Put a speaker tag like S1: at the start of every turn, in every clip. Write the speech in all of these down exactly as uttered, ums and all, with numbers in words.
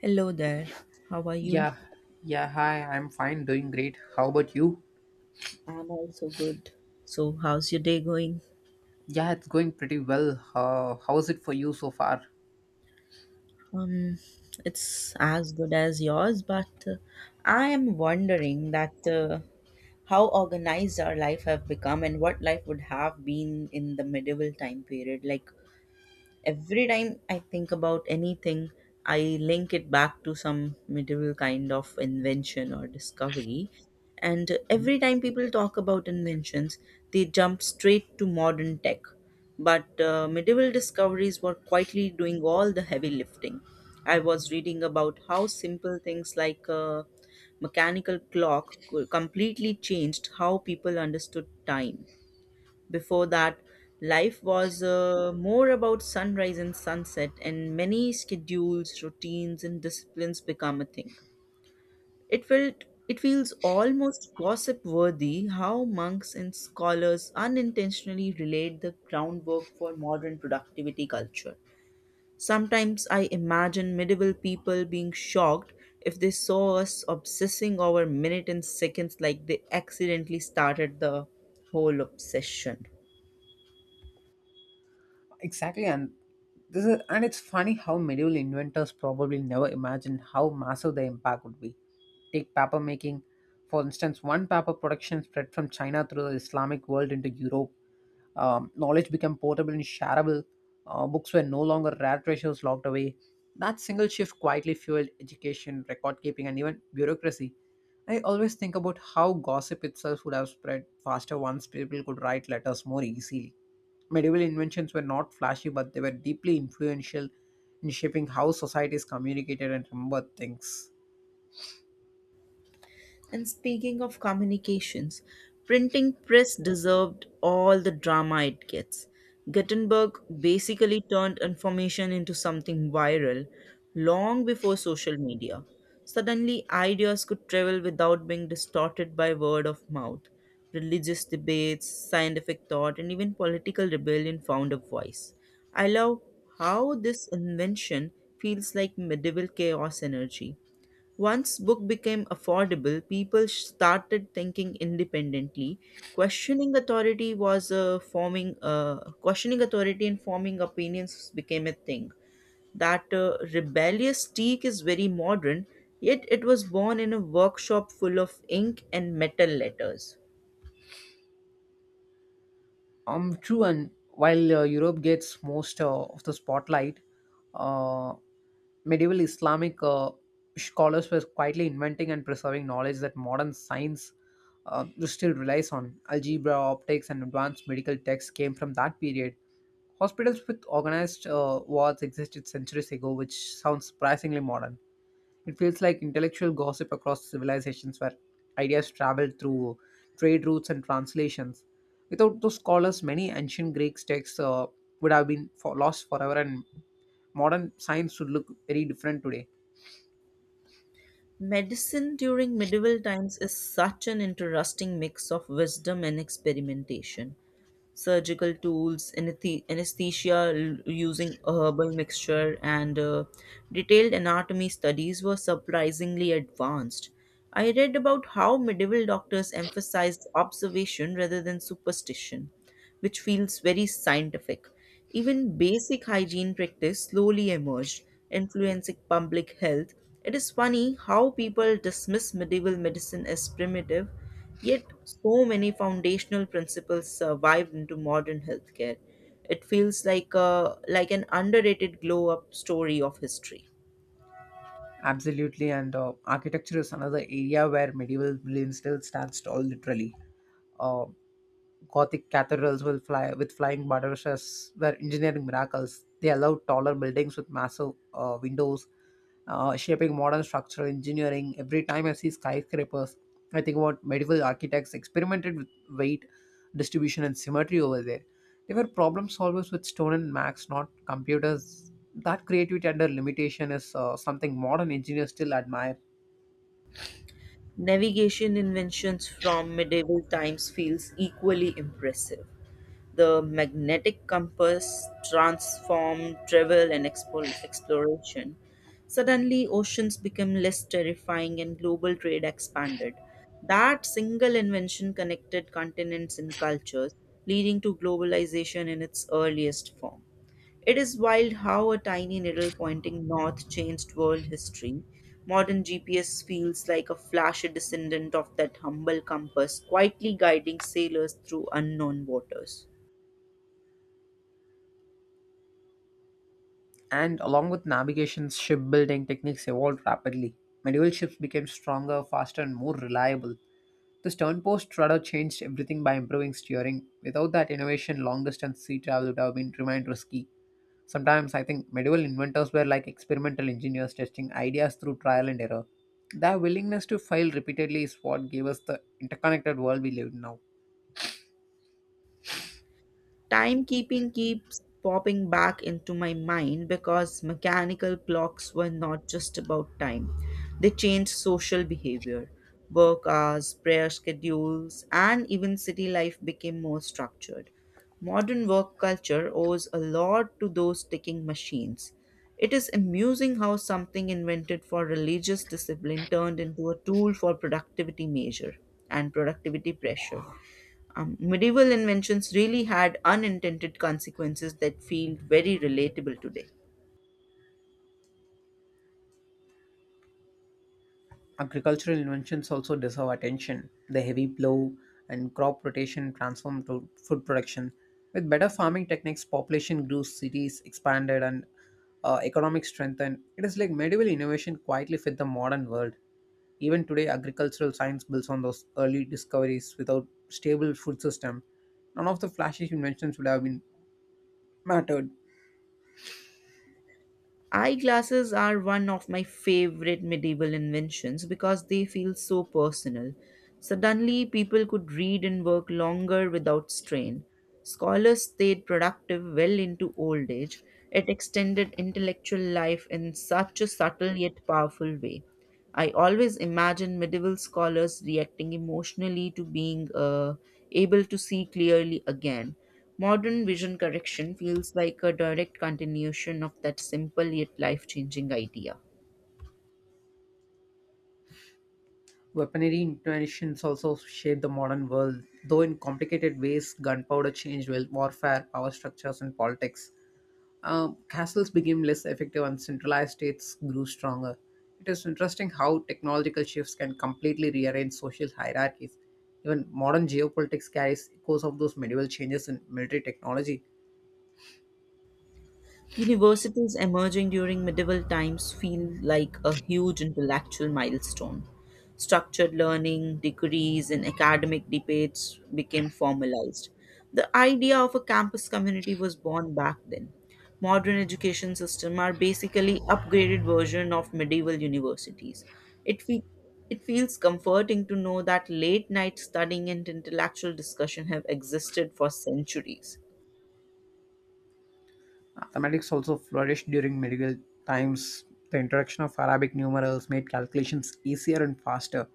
S1: Hello there. How are you?
S2: Yeah, yeah, hi, I'm fine, doing great. How about you?
S1: I'm also good. So, how's your day going?
S2: Yeah, it's going pretty well. Uh, how's it for you so far?
S1: Um, it's as good as yours, but uh, I am wondering that uh, how organized our life have become and what life would have been in the medieval time period. Like every time I think about anything, I link it back to some medieval kind of invention or discovery. And every time people talk about inventions, they jump straight to modern tech. But uh, medieval discoveries were quietly doing all the heavy lifting. I was reading about how simple things like a mechanical clock co- completely changed how people understood time before that, life was uh, more about sunrise and sunset, and many schedules, routines, and disciplines become a thing. It felt It feels almost gossip worthy how monks and scholars unintentionally relate the groundwork for modern productivity culture. Sometimes I imagine medieval people being shocked if they saw us obsessing over minutes and seconds like they accidentally started the whole obsession.
S2: Exactly, and this is, and it's funny how medieval inventors probably never imagined how massive the impact would be. Take paper making, for instance, one paper production spread from China through the Islamic world into Europe. Um, knowledge became portable and shareable. Uh, books were no longer rare treasures locked away. That single shift quietly fueled education, record keeping, and even bureaucracy. I always think about how gossip itself would have spread faster once people could write letters more easily. Medieval inventions were not flashy, but they were deeply influential in shaping how societies communicated and remembered things.
S1: And speaking of communications, printing press deserved all the drama it gets. Gutenberg basically turned information into something viral long before social media. Suddenly, ideas could travel without being distorted by word of mouth. Religious debates, scientific thought, and even political rebellion found a voice. I love how this invention feels like medieval chaos energy once book became affordable, people started thinking independently. Questioning authority was uh, forming uh, questioning authority and forming opinions became a thing. That uh, rebellious streak is very modern, yet it was born in a workshop full of ink and metal letters.
S2: Um, true, and while uh, Europe gets most uh, of the spotlight, uh, Medieval Islamic uh, scholars were quietly inventing and preserving knowledge that modern science uh, still relies on. Algebra, optics, and advanced medical texts came from that period. Hospitals with organized uh, wards existed centuries ago, which sounds surprisingly modern. It feels like intellectual gossip across civilizations where ideas traveled through trade routes and translations. Without those scholars, many ancient Greek texts uh, would have been for, lost forever, and modern science would look very different today.
S1: Medicine during medieval times is such an interesting mix of wisdom and experimentation. Surgical tools, anethe- anesthesia l- using a herbal mixture, and uh, detailed anatomy studies were surprisingly advanced. I read about how medieval doctors emphasized observation rather than superstition which feels very scientific. Even basic hygiene practice slowly emerged, influencing public health. It is funny how people dismiss medieval medicine as primitive, yet so many foundational principles survived into modern healthcare. It feels like a, like an underrated glow up story of history.
S2: Absolutely, and uh, architecture is another area where medieval brilliance still stands tall, literally. Uh, Gothic cathedrals will fly with flying buttresses were engineering miracles. They allowed taller buildings with massive uh, windows uh, shaping modern structural engineering. Every time I see skyscrapers, I think about medieval architects experimented with weight distribution and symmetry over there. They were problem solvers with stone and max, not computers. That creativity under limitation is uh, something modern engineers still admire.
S1: Navigation inventions from medieval times feels equally impressive. The magnetic compass transformed travel and expo- exploration. Suddenly, oceans became less terrifying and global trade expanded. That single invention connected continents and cultures, leading to globalization in its earliest form. It is wild how a tiny needle pointing north changed world history. Modern G P S feels like a flash a descendant of that humble compass, quietly guiding sailors through unknown waters.
S2: And along with navigation, shipbuilding techniques evolved rapidly. Medieval ships became stronger, faster, and more reliable. The sternpost rudder changed everything by improving steering. Without that innovation, long distance sea travel would have been remained risky. Sometimes I think medieval inventors were like experimental engineers testing ideas through trial and error. Their willingness to fail repeatedly is what gave us the interconnected world we live in now.
S1: Timekeeping keeps popping back into my mind because mechanical clocks were not just about time, they changed social behavior. Work hours, prayer schedules, and even city life became more structured. Modern work culture owes a lot to those ticking machines. It is amusing how something invented for religious discipline turned into a tool for productivity measure and productivity pressure. Um, medieval inventions really had unintended consequences that feel very relatable today.
S2: Agricultural inventions also deserve attention. The heavy plow and crop rotation transformed to food production. With better farming techniques, population grew, cities expanded, and uh, economic strengthened. It is like medieval innovation quietly fit the modern world. Even today, agricultural science builds on those early discoveries. Without stable food system, none of the flashy inventions would have been mattered.
S1: Eyeglasses are one of my favorite medieval inventions because they feel so personal. Suddenly, people could read and work longer without strain. Scholars stayed productive well into old age. It extended intellectual life in such a subtle yet powerful way. I always imagine medieval scholars reacting emotionally to being uh, able to see clearly again. Modern vision correction feels like a direct continuation of that simple yet life changing idea.
S2: Weaponry inventions also shaped the modern world, though in complicated ways. Gunpowder changed wel- warfare, power structures, and politics. Uh, castles became less effective, and centralized states grew stronger. It is interesting how technological shifts can completely rearrange social hierarchies. Even modern geopolitics carries echoes of those medieval changes in military technology.
S1: Universities emerging during medieval times feel like a huge intellectual milestone. Structured learning, degrees, and academic debates became formalized. The idea of a campus community was born back then. Modern education systems are basically upgraded version of medieval universities. It, fe- it feels comforting to know that late night studying and intellectual discussion have existed for centuries.
S2: Mathematics also flourished during medieval times. The introduction of Arabic numerals made calculations easier and faster.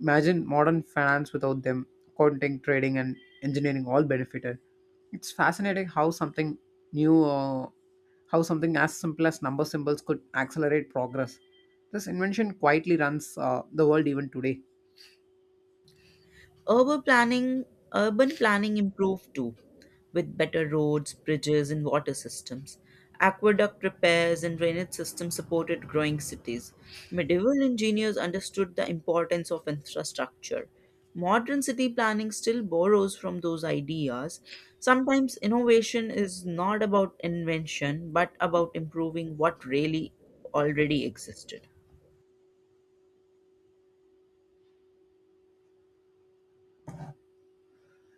S2: Imagine modern finance without them. Accounting, trading, and engineering all benefited. It's fascinating how something new, uh, how something as simple as number symbols could accelerate progress. This invention quietly runs uh, the world even today.
S1: Urban planning, Urban planning improved too, with better roads, bridges, and water systems. Aqueduct repairs and drainage systems supported growing cities. Medieval engineers understood the importance of infrastructure. Modern city planning still borrows from those ideas. Sometimes innovation is not about invention, but about improving what really already existed.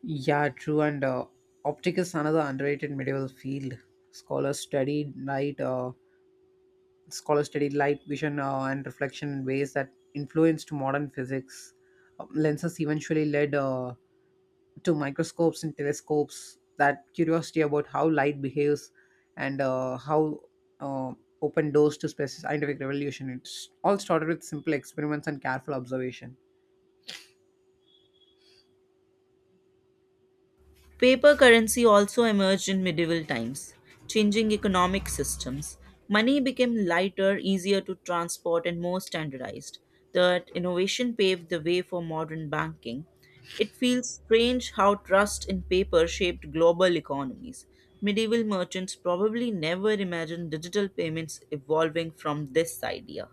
S2: Yeah, true. And uh, optic is another underrated medieval field. Scholars studied light. Uh, Scholars studied light vision uh, and reflection in ways that influenced modern physics. Um, lenses eventually led uh, to microscopes and telescopes, that curiosity about how light behaves and uh, how uh, opened doors to space scientific revolution. It's all started with simple experiments and careful observation.
S1: Paper currency also emerged in medieval times, changing economic systems. Money became lighter, easier to transport, and more standardized. That innovation paved the way for modern banking. It feels strange how trust in paper shaped global economies. Medieval merchants probably never imagined digital payments evolving from this idea.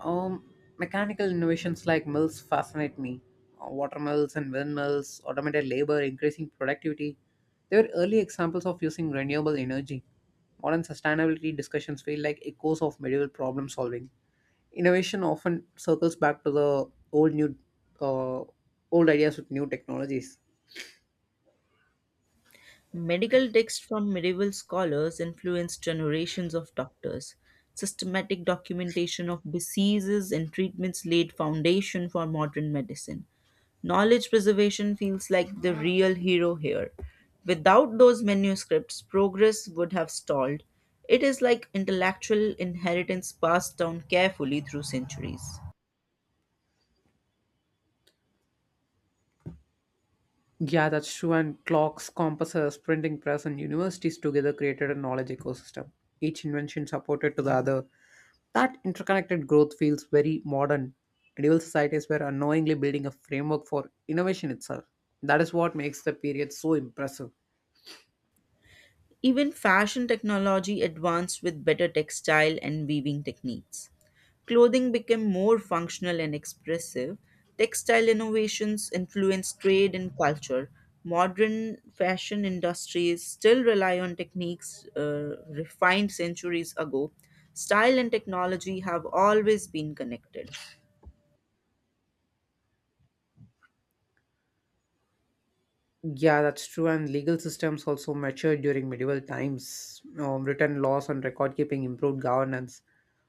S2: Um, Mechanical innovations like mills fascinate me. Uh, water mills and windmills, automated labor, increasing productivity. They were early examples of using renewable energy. Modern sustainability discussions feel like echoes of medieval problem solving. Innovation often circles back to the old new uh, old ideas with new technologies.
S1: Medical texts from medieval scholars influenced generations of doctors. Systematic documentation of diseases and treatments laid foundation for modern medicine. Knowledge preservation feels like the real hero here. Without those manuscripts, progress would have stalled. It is like intellectual inheritance passed down carefully through centuries.
S2: Yeah, that's true. And clocks, compasses, printing press, and universities together created a knowledge ecosystem. Each invention supported to the other. That interconnected growth feels very modern. Medieval societies were unknowingly building a framework for innovation itself. That is what makes the period so impressive.
S1: Even fashion technology advanced with better textile and weaving techniques. Clothing became more functional and expressive. Textile innovations influenced trade and culture. Modern fashion industries still rely on techniques uh, refined centuries ago. Style and technology have always been connected.
S2: Yeah, that's true. And legal systems also matured during medieval times. Um, written laws and record keeping improved governance.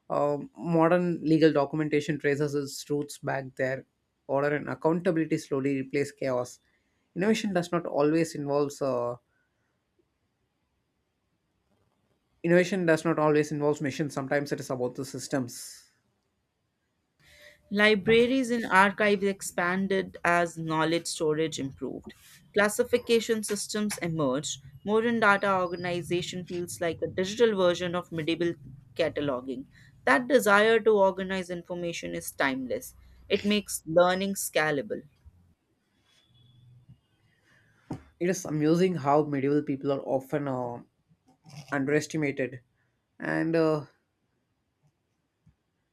S2: Um, modern legal documentation traces its roots back there. Order and accountability slowly replace chaos. Innovation does not always involves uh, Innovation does not always involves machines. Sometimes it is about the systems.
S1: Libraries and archives expanded as knowledge storage improved. Classification systems emerged. Modern data organization feels like a digital version of medieval cataloging. That desire to organize information is timeless. It makes learning scalable.
S2: It is amusing how medieval people are often uh, underestimated, and uh,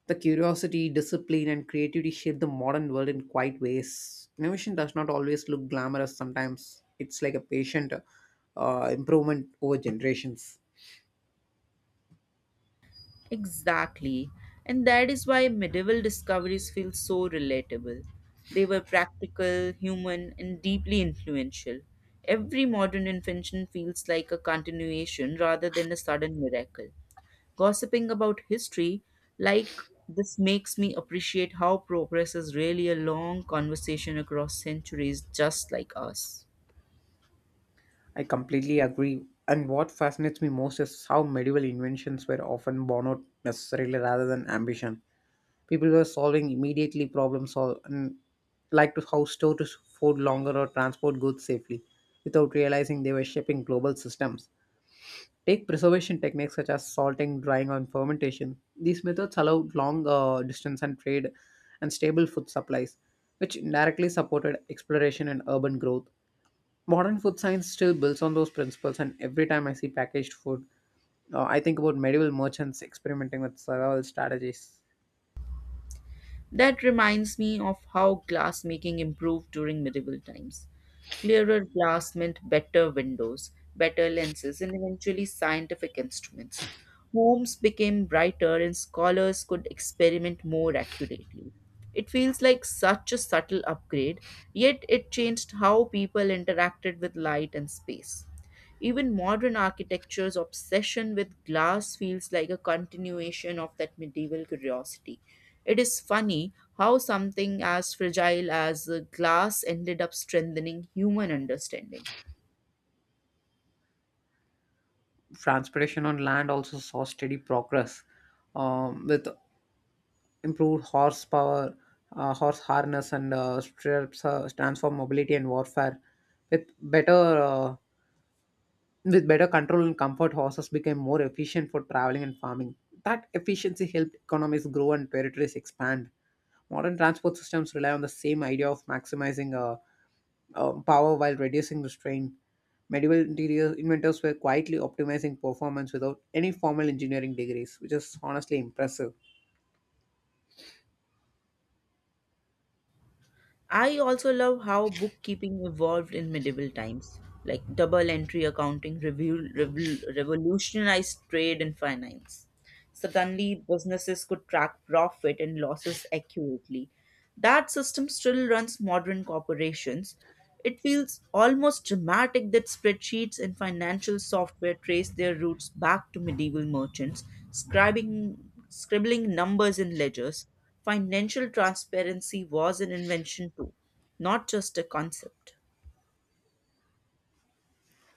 S2: the curiosity, discipline, and creativity shape the modern world in quiet ways. Innovation does not always look glamorous. Sometimes it's like a patient uh, improvement over generations.
S1: Exactly. And that is why medieval discoveries feel so relatable. They were practical, human, and deeply influential. Every modern invention feels like a continuation rather than a sudden miracle. Gossiping about history like this makes me appreciate how progress is really a long conversation across centuries, just like us.
S2: I completely agree. And what fascinates me most is how medieval inventions were often born out necessarily rather than ambition. People were solving immediately problems sol- and like to how store to food longer or transport goods safely without realizing they were shaping global systems. Take preservation techniques such as salting, drying, and fermentation. These methods allow long uh, distance and trade and stable food supplies, which indirectly supported exploration and urban growth. Modern food science still builds on those principles, and every time I see packaged food, uh, I think about medieval merchants experimenting with survival strategies.
S1: That reminds me of how glassmaking improved during medieval times. Clearer glass meant better windows, better lenses, and eventually scientific instruments. Homes became brighter and scholars could experiment more accurately. It feels like such a subtle upgrade, yet it changed how people interacted with light and space. Even modern architecture's obsession with glass feels like a continuation of that medieval curiosity. It is funny how something as fragile as uh, glass ended up strengthening human understanding.
S2: Transportation on land also saw steady progress um, with improved horsepower, uh, horse harness, and uh, stirrups uh, stands for mobility and warfare. With better uh, with better control and comfort, horses became more efficient for traveling and farming. That efficiency helped economies grow and territories expand. Modern transport systems rely on the same idea of maximizing uh, uh, power while reducing the strain. Medieval interior inventors were quietly optimizing performance without any formal engineering degrees, which is honestly impressive.
S1: I also love how bookkeeping evolved in medieval times. Like double entry accounting revol- revol- revolutionized trade and finance. Suddenly, businesses could track profit and losses accurately. That system still runs modern corporations. It feels almost dramatic that spreadsheets and financial software trace their roots back to medieval merchants, scribing, scribbling numbers in ledgers. Financial transparency was an invention too, not just a concept.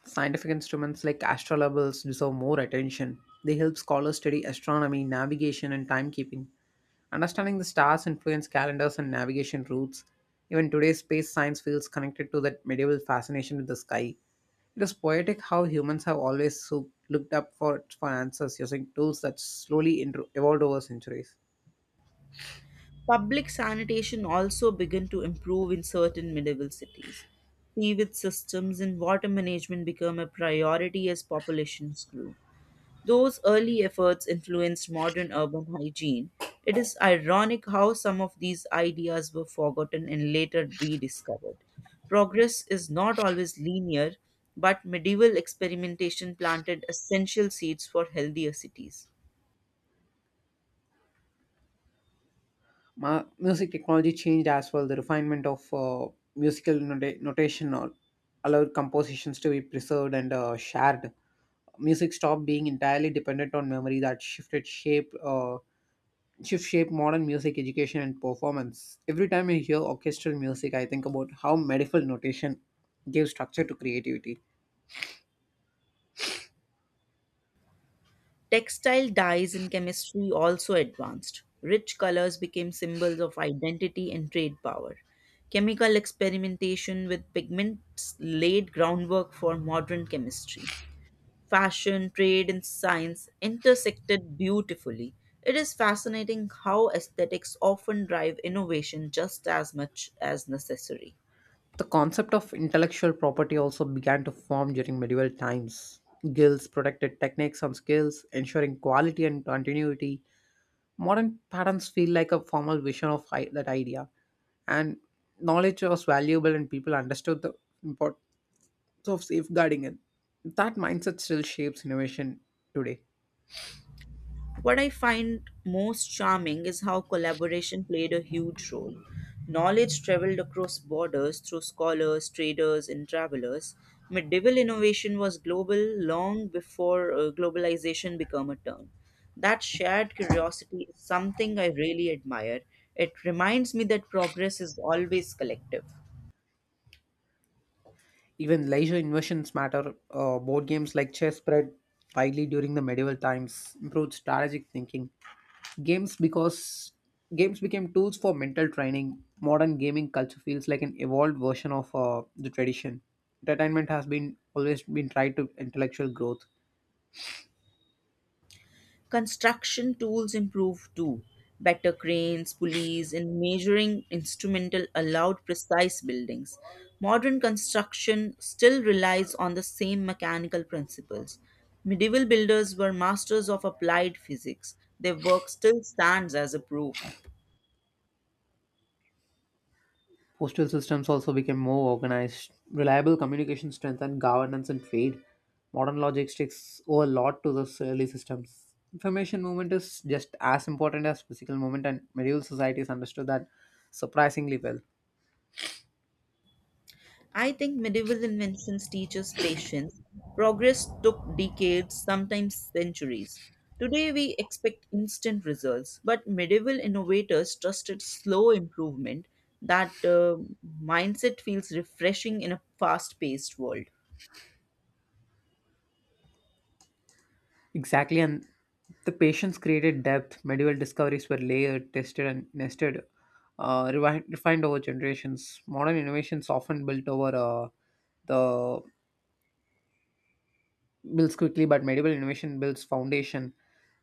S2: Scientific instruments like astrolabes deserve more attention. They help scholars study astronomy, navigation, and timekeeping. Understanding the stars influence calendars and navigation routes. Even today's space science feels connected to that medieval fascination with the sky. It is poetic how humans have always so- looked up for, for answers using tools that slowly intro- evolved over centuries.
S1: Public sanitation also began to improve in certain medieval cities. Sewage systems and water management became a priority as populations grew. Those early efforts influenced modern urban hygiene. It is ironic how some of these ideas were forgotten and later rediscovered. Progress is not always linear, but medieval experimentation planted essential seeds for healthier cities.
S2: Ma- music technology changed as well. The refinement of uh, musical nota- notation al- allowed compositions to be preserved and uh, shared. Music stopped being entirely dependent on memory that shifted shape uh, shift shape modern music education and performance. Every time I hear orchestral music, I think about how medieval notation gave structure to creativity.
S1: Textile dyes in chemistry also advanced. Rich colors became symbols of identity and trade power. Chemical experimentation with pigments laid groundwork for modern chemistry. Fashion, trade, and science intersected beautifully. It is fascinating how aesthetics often drive innovation just as much as necessary.
S2: The concept of intellectual property also began to form during medieval times. Guilds protected techniques and skills, ensuring quality and continuity. Modern patterns feel like a formal vision of i- that idea, and knowledge was valuable and people understood the import of safeguarding it. That mindset still shapes innovation today.
S1: What I find most charming is how collaboration played a huge role. Knowledge traveled across borders through scholars, traders, and travelers. Medieval innovation was global long before uh, globalization became a term. That shared curiosity is something I really admire. It reminds me that progress is always collective.
S2: Even leisure innovations matter. Uh, board games like chess spread widely during the medieval times, improved strategic thinking. Games because games became tools for mental training. Modern gaming culture feels like an evolved version of uh, the tradition. Entertainment has been always been tied to intellectual growth.
S1: Construction tools improved too. Better cranes, pulleys, and measuring instrumental allowed precise buildings. Modern construction still relies on the same mechanical principles. Medieval builders were masters of applied physics. Their work still stands as a proof.
S2: Postal systems also became more organized, reliable communication strengthened governance and trade. Modern logistics owe a lot to those early systems. Information movement is just as important as physical movement, and medieval societies understood that surprisingly well.
S1: I think medieval inventions teach us patience. Progress took decades, sometimes centuries. Today we expect instant results, but medieval innovators trusted slow improvement. That uh, mindset feels refreshing in a fast paced world.
S2: Exactly, and the patience created depth. Medieval discoveries were layered, tested, and nested, uh, rewi- refined over generations. Modern innovations often built over uh, the builds quickly, but medieval innovation builds foundation.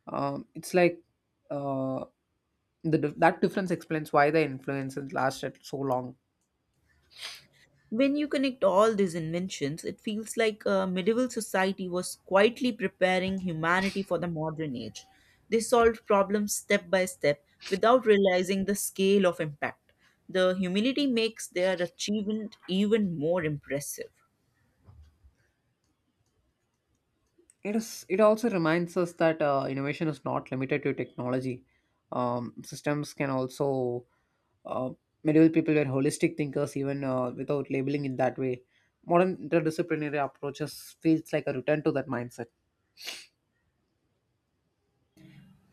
S2: Um, it's like uh, the dif- That difference explains why the influences lasted so long.
S1: When you connect all these inventions, it feels like uh, medieval society was quietly preparing humanity for the modern age. They solved problems step by step without realizing the scale of impact. The humility makes their achievement even more impressive.
S2: It is. It also reminds us that uh, innovation is not limited to technology. Um, systems can also. Uh, Medieval people were holistic thinkers, even uh, without labeling it that way. Modern interdisciplinary approaches feels like a return to that mindset.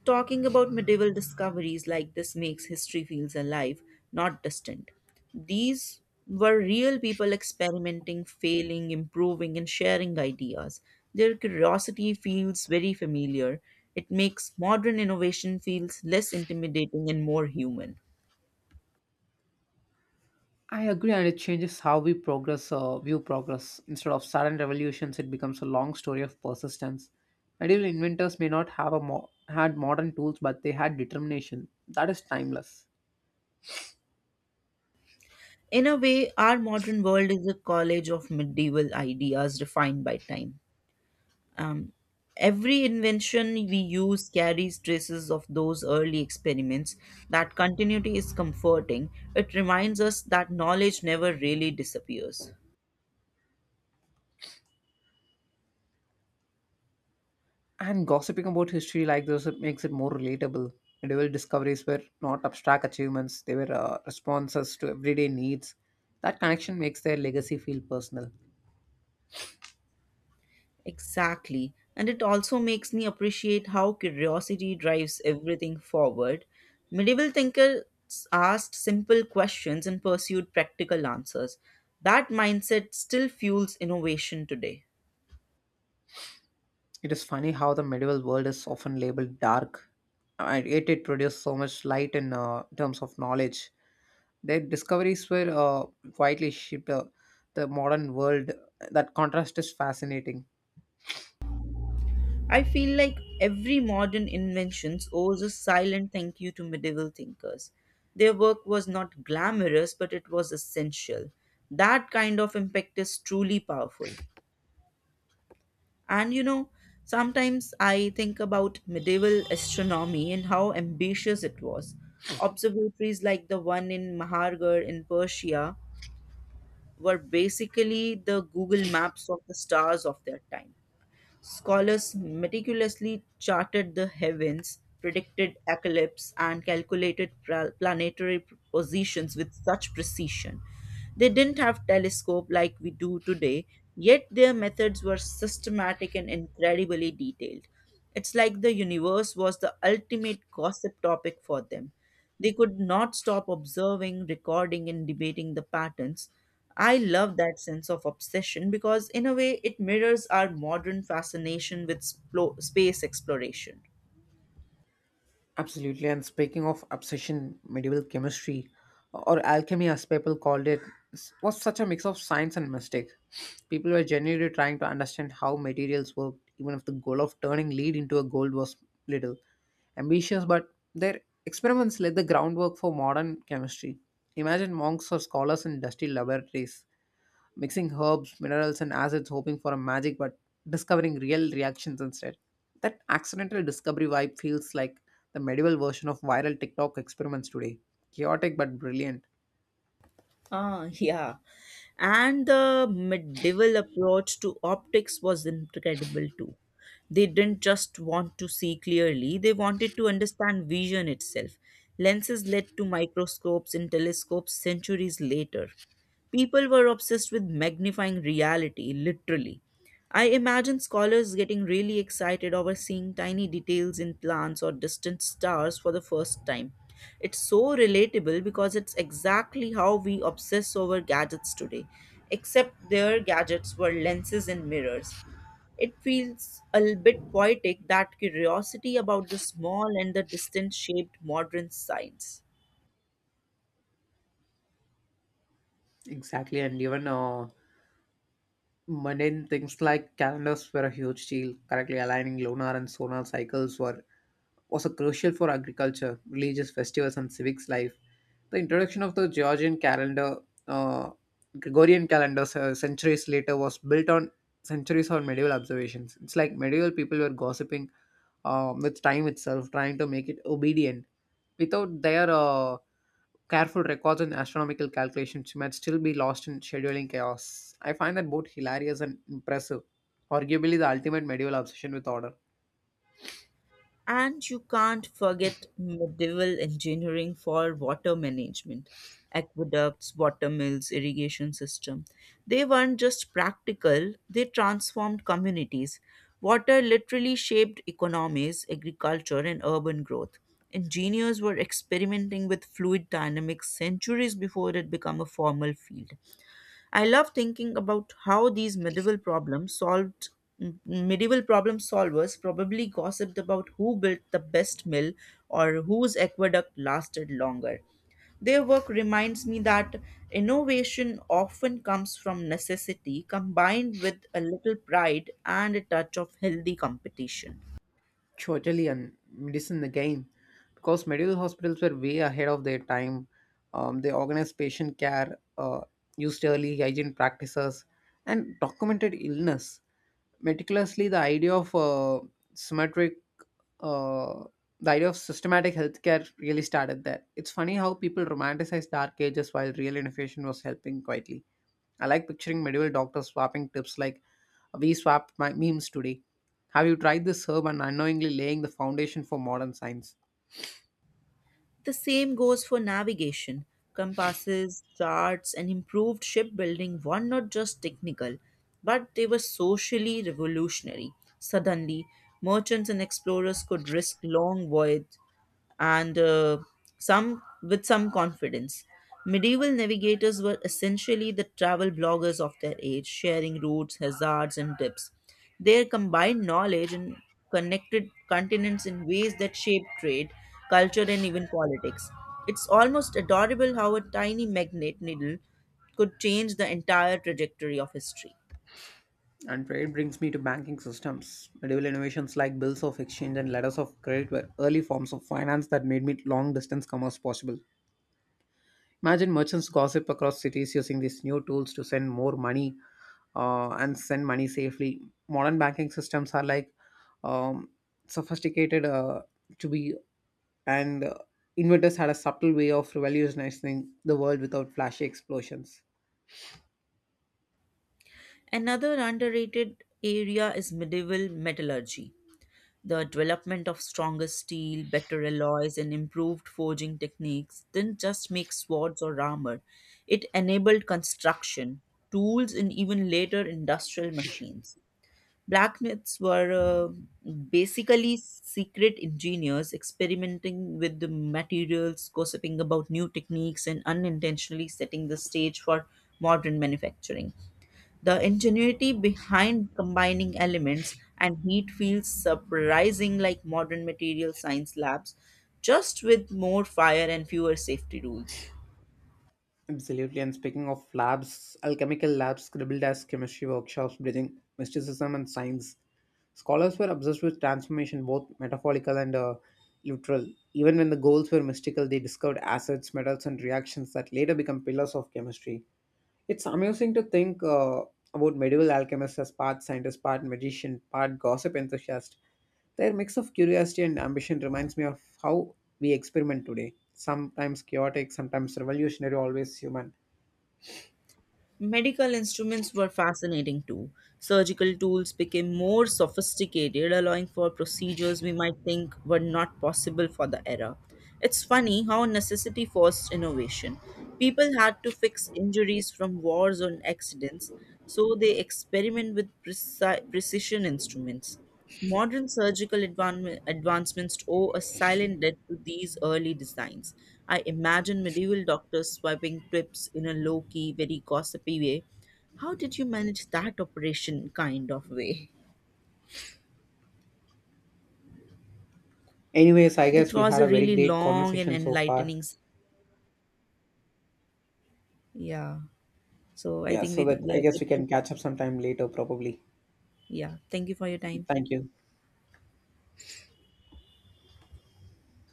S1: Talking about medieval discoveries like this makes history feels alive, not distant. These were real people experimenting, failing, improving, and sharing ideas. Their curiosity feels very familiar. It makes modern innovation feels less intimidating and more human.
S2: I agree, and it changes how we progress, uh, view progress. Instead of sudden revolutions, it becomes a long story of persistence. Medieval inventors may not have a mo- had modern tools, but they had determination. That is timeless.
S1: In a way, our modern world is a college of medieval ideas refined by time. Um, every invention we use carries traces of those early experiments. That continuity is comforting. It reminds us that knowledge never really disappears.
S2: And gossiping about history like this, it makes it more relatable. Medieval discoveries were not abstract achievements; they were uh, responses to everyday needs. That connection makes their legacy feel personal.
S1: Exactly. And it also makes me appreciate how curiosity drives everything forward. Medieval thinkers asked simple questions and pursued practical answers. That mindset still fuels innovation today.
S2: It is funny how the medieval world is often labeled dark, and yet it produced so much light in uh, terms of knowledge. Their discoveries were uh, widely shaped uh, the modern world. That contrast is fascinating.
S1: I feel like every modern invention owes a silent thank you to medieval thinkers. Their work was not glamorous, but it was essential. That kind of impact is truly powerful. And you know, sometimes I think about medieval astronomy and how ambitious it was. Observatories like the one in Mahargarh in Persia were basically the Google Maps of the stars of their time. Scholars meticulously charted the heavens, predicted eclipses, and calculated pra- planetary positions with such precision. They didn't have telescope like we do today, yet their methods were systematic and incredibly detailed. It's like the universe was the ultimate gossip topic for them. They could not stop observing, recording, and debating the patterns. I love that sense of obsession because, in a way, it mirrors our modern fascination with splo- space exploration.
S2: Absolutely. And speaking of obsession, medieval chemistry or alchemy, as people called it, s- was such a mix of science and mystic. People were genuinely trying to understand how materials worked, even if the goal of turning lead into a gold was little ambitious, but their experiments laid the groundwork for modern chemistry. Imagine monks or scholars in dusty laboratories mixing herbs, minerals, and acids, hoping for a magic, but discovering real reactions instead. That accidental discovery vibe feels like the medieval version of viral TikTok experiments today. Chaotic but brilliant.
S1: Ah, yeah. And the medieval approach to optics was incredible too. They didn't just want to see clearly, they wanted to understand vision itself. Lenses led to microscopes and telescopes centuries later. People were obsessed with magnifying reality, literally. I imagine scholars getting really excited over seeing tiny details in plants or distant stars for the first time. It's so relatable because it's exactly how we obsess over gadgets today, except their gadgets were lenses and mirrors. It feels a l- bit poetic that curiosity about the small and the distant shaped modern science.
S2: Exactly, and even uh, mundane things like calendars were a huge deal. Correctly aligning lunar and solar cycles were was a crucial for agriculture, religious festivals, and civics life. The introduction of the Georgian calendar, uh, Gregorian calendar, uh, centuries later, was built on centuries on medieval observations. It's like medieval people were gossiping um, with time itself, trying to make it obedient. Without their uh, careful records and astronomical calculations, she might still be lost in scheduling chaos. I find that both hilarious and impressive, arguably the ultimate medieval obsession with order,
S1: And you can't forget medieval engineering for water management, aqueducts, water mills, irrigation system. They weren't just practical, they transformed communities. Water literally shaped economies, agriculture, and urban growth. Engineers were experimenting with fluid dynamics centuries before it became a formal field. I love thinking about how these medieval problem solved m- medieval problem solvers probably gossiped about who built the best mill or whose aqueduct lasted longer. Their work reminds me that innovation often comes from necessity combined with a little pride and a touch of healthy competition.
S2: surgery, and medicine again. Because medieval hospitals were way ahead of their time, um, they organized patient care, uh, used early hygiene practices, and documented illness. Meticulously, the idea of uh, symmetric uh, the idea of systematic healthcare really started there. It's funny how people romanticize dark ages while real innovation was helping quietly. I like picturing medieval doctors swapping tips like we swapped my memes today. Have you tried this herb and unknowingly laying the foundation for modern science?
S1: The same goes for navigation. Compasses, charts, and improved shipbuilding were not just technical, but they were socially revolutionary. Suddenly, merchants and explorers could risk long voyages and uh, some with some confidence. Medieval navigators were essentially the travel bloggers of their age, sharing routes, hazards, and tips. Their combined knowledge and connected continents in ways that shaped trade, culture, and even politics. It's almost adorable how a tiny magnet needle could change the entire trajectory of history.
S2: And trade brings me to banking systems. Medieval innovations like bills of exchange and letters of credit were early forms of finance that made long distance commerce possible. Imagine merchants gossip across cities using these new tools to send more money uh, and send money safely. Modern banking systems are like um, sophisticated uh, to be, and uh, inventors had a subtle way of revolutionizing the world without flashy explosions.
S1: Another underrated area is medieval metallurgy. The development of stronger steel, better alloys, and improved forging techniques didn't just make swords or armor, it enabled construction, tools, and even later industrial machines. Blacksmiths were uh, basically secret engineers experimenting with the materials, gossiping about new techniques, and unintentionally setting the stage for modern manufacturing. The ingenuity behind combining elements and heat feels surprising like modern material science labs, just with more fire and fewer safety rules.
S2: Absolutely. And speaking of labs, alchemical labs scribbled as chemistry workshops, bridging mysticism and science. Scholars were obsessed with transformation, both metaphorical and uh, literal. Even when the goals were mystical, they discovered acids, metals, and reactions that later become pillars of chemistry. It's amusing to think uh, about medieval alchemists as part scientist, part magician, part gossip enthusiast. Their mix of curiosity and ambition reminds me of how we experiment today. Sometimes chaotic, sometimes revolutionary, always human.
S1: Medical instruments were fascinating too. Surgical tools became more sophisticated, allowing for procedures we might think were not possible for the era. It's funny how necessity forced innovation. People had to fix injuries from wars or accidents, so they experiment with preci- precision instruments. Modern surgical advan- advancements owe a silent debt to these early designs. I imagine medieval doctors swiping tips in a low key, very gossipy way. How did you manage that operation kind of way?
S2: Anyways, I
S1: That
S2: guess we
S1: was
S2: had
S1: a
S2: a very
S1: really
S2: great
S1: long and
S2: conversation so far.
S1: enlightening. s- Yeah. So I
S2: Yeah,
S1: think
S2: so
S1: we,
S2: that
S1: we
S2: I
S1: are
S2: guess
S1: good
S2: we
S1: to.
S2: can catch up sometime later, probably.
S1: Yeah. Thank you for your time.
S2: Thank you.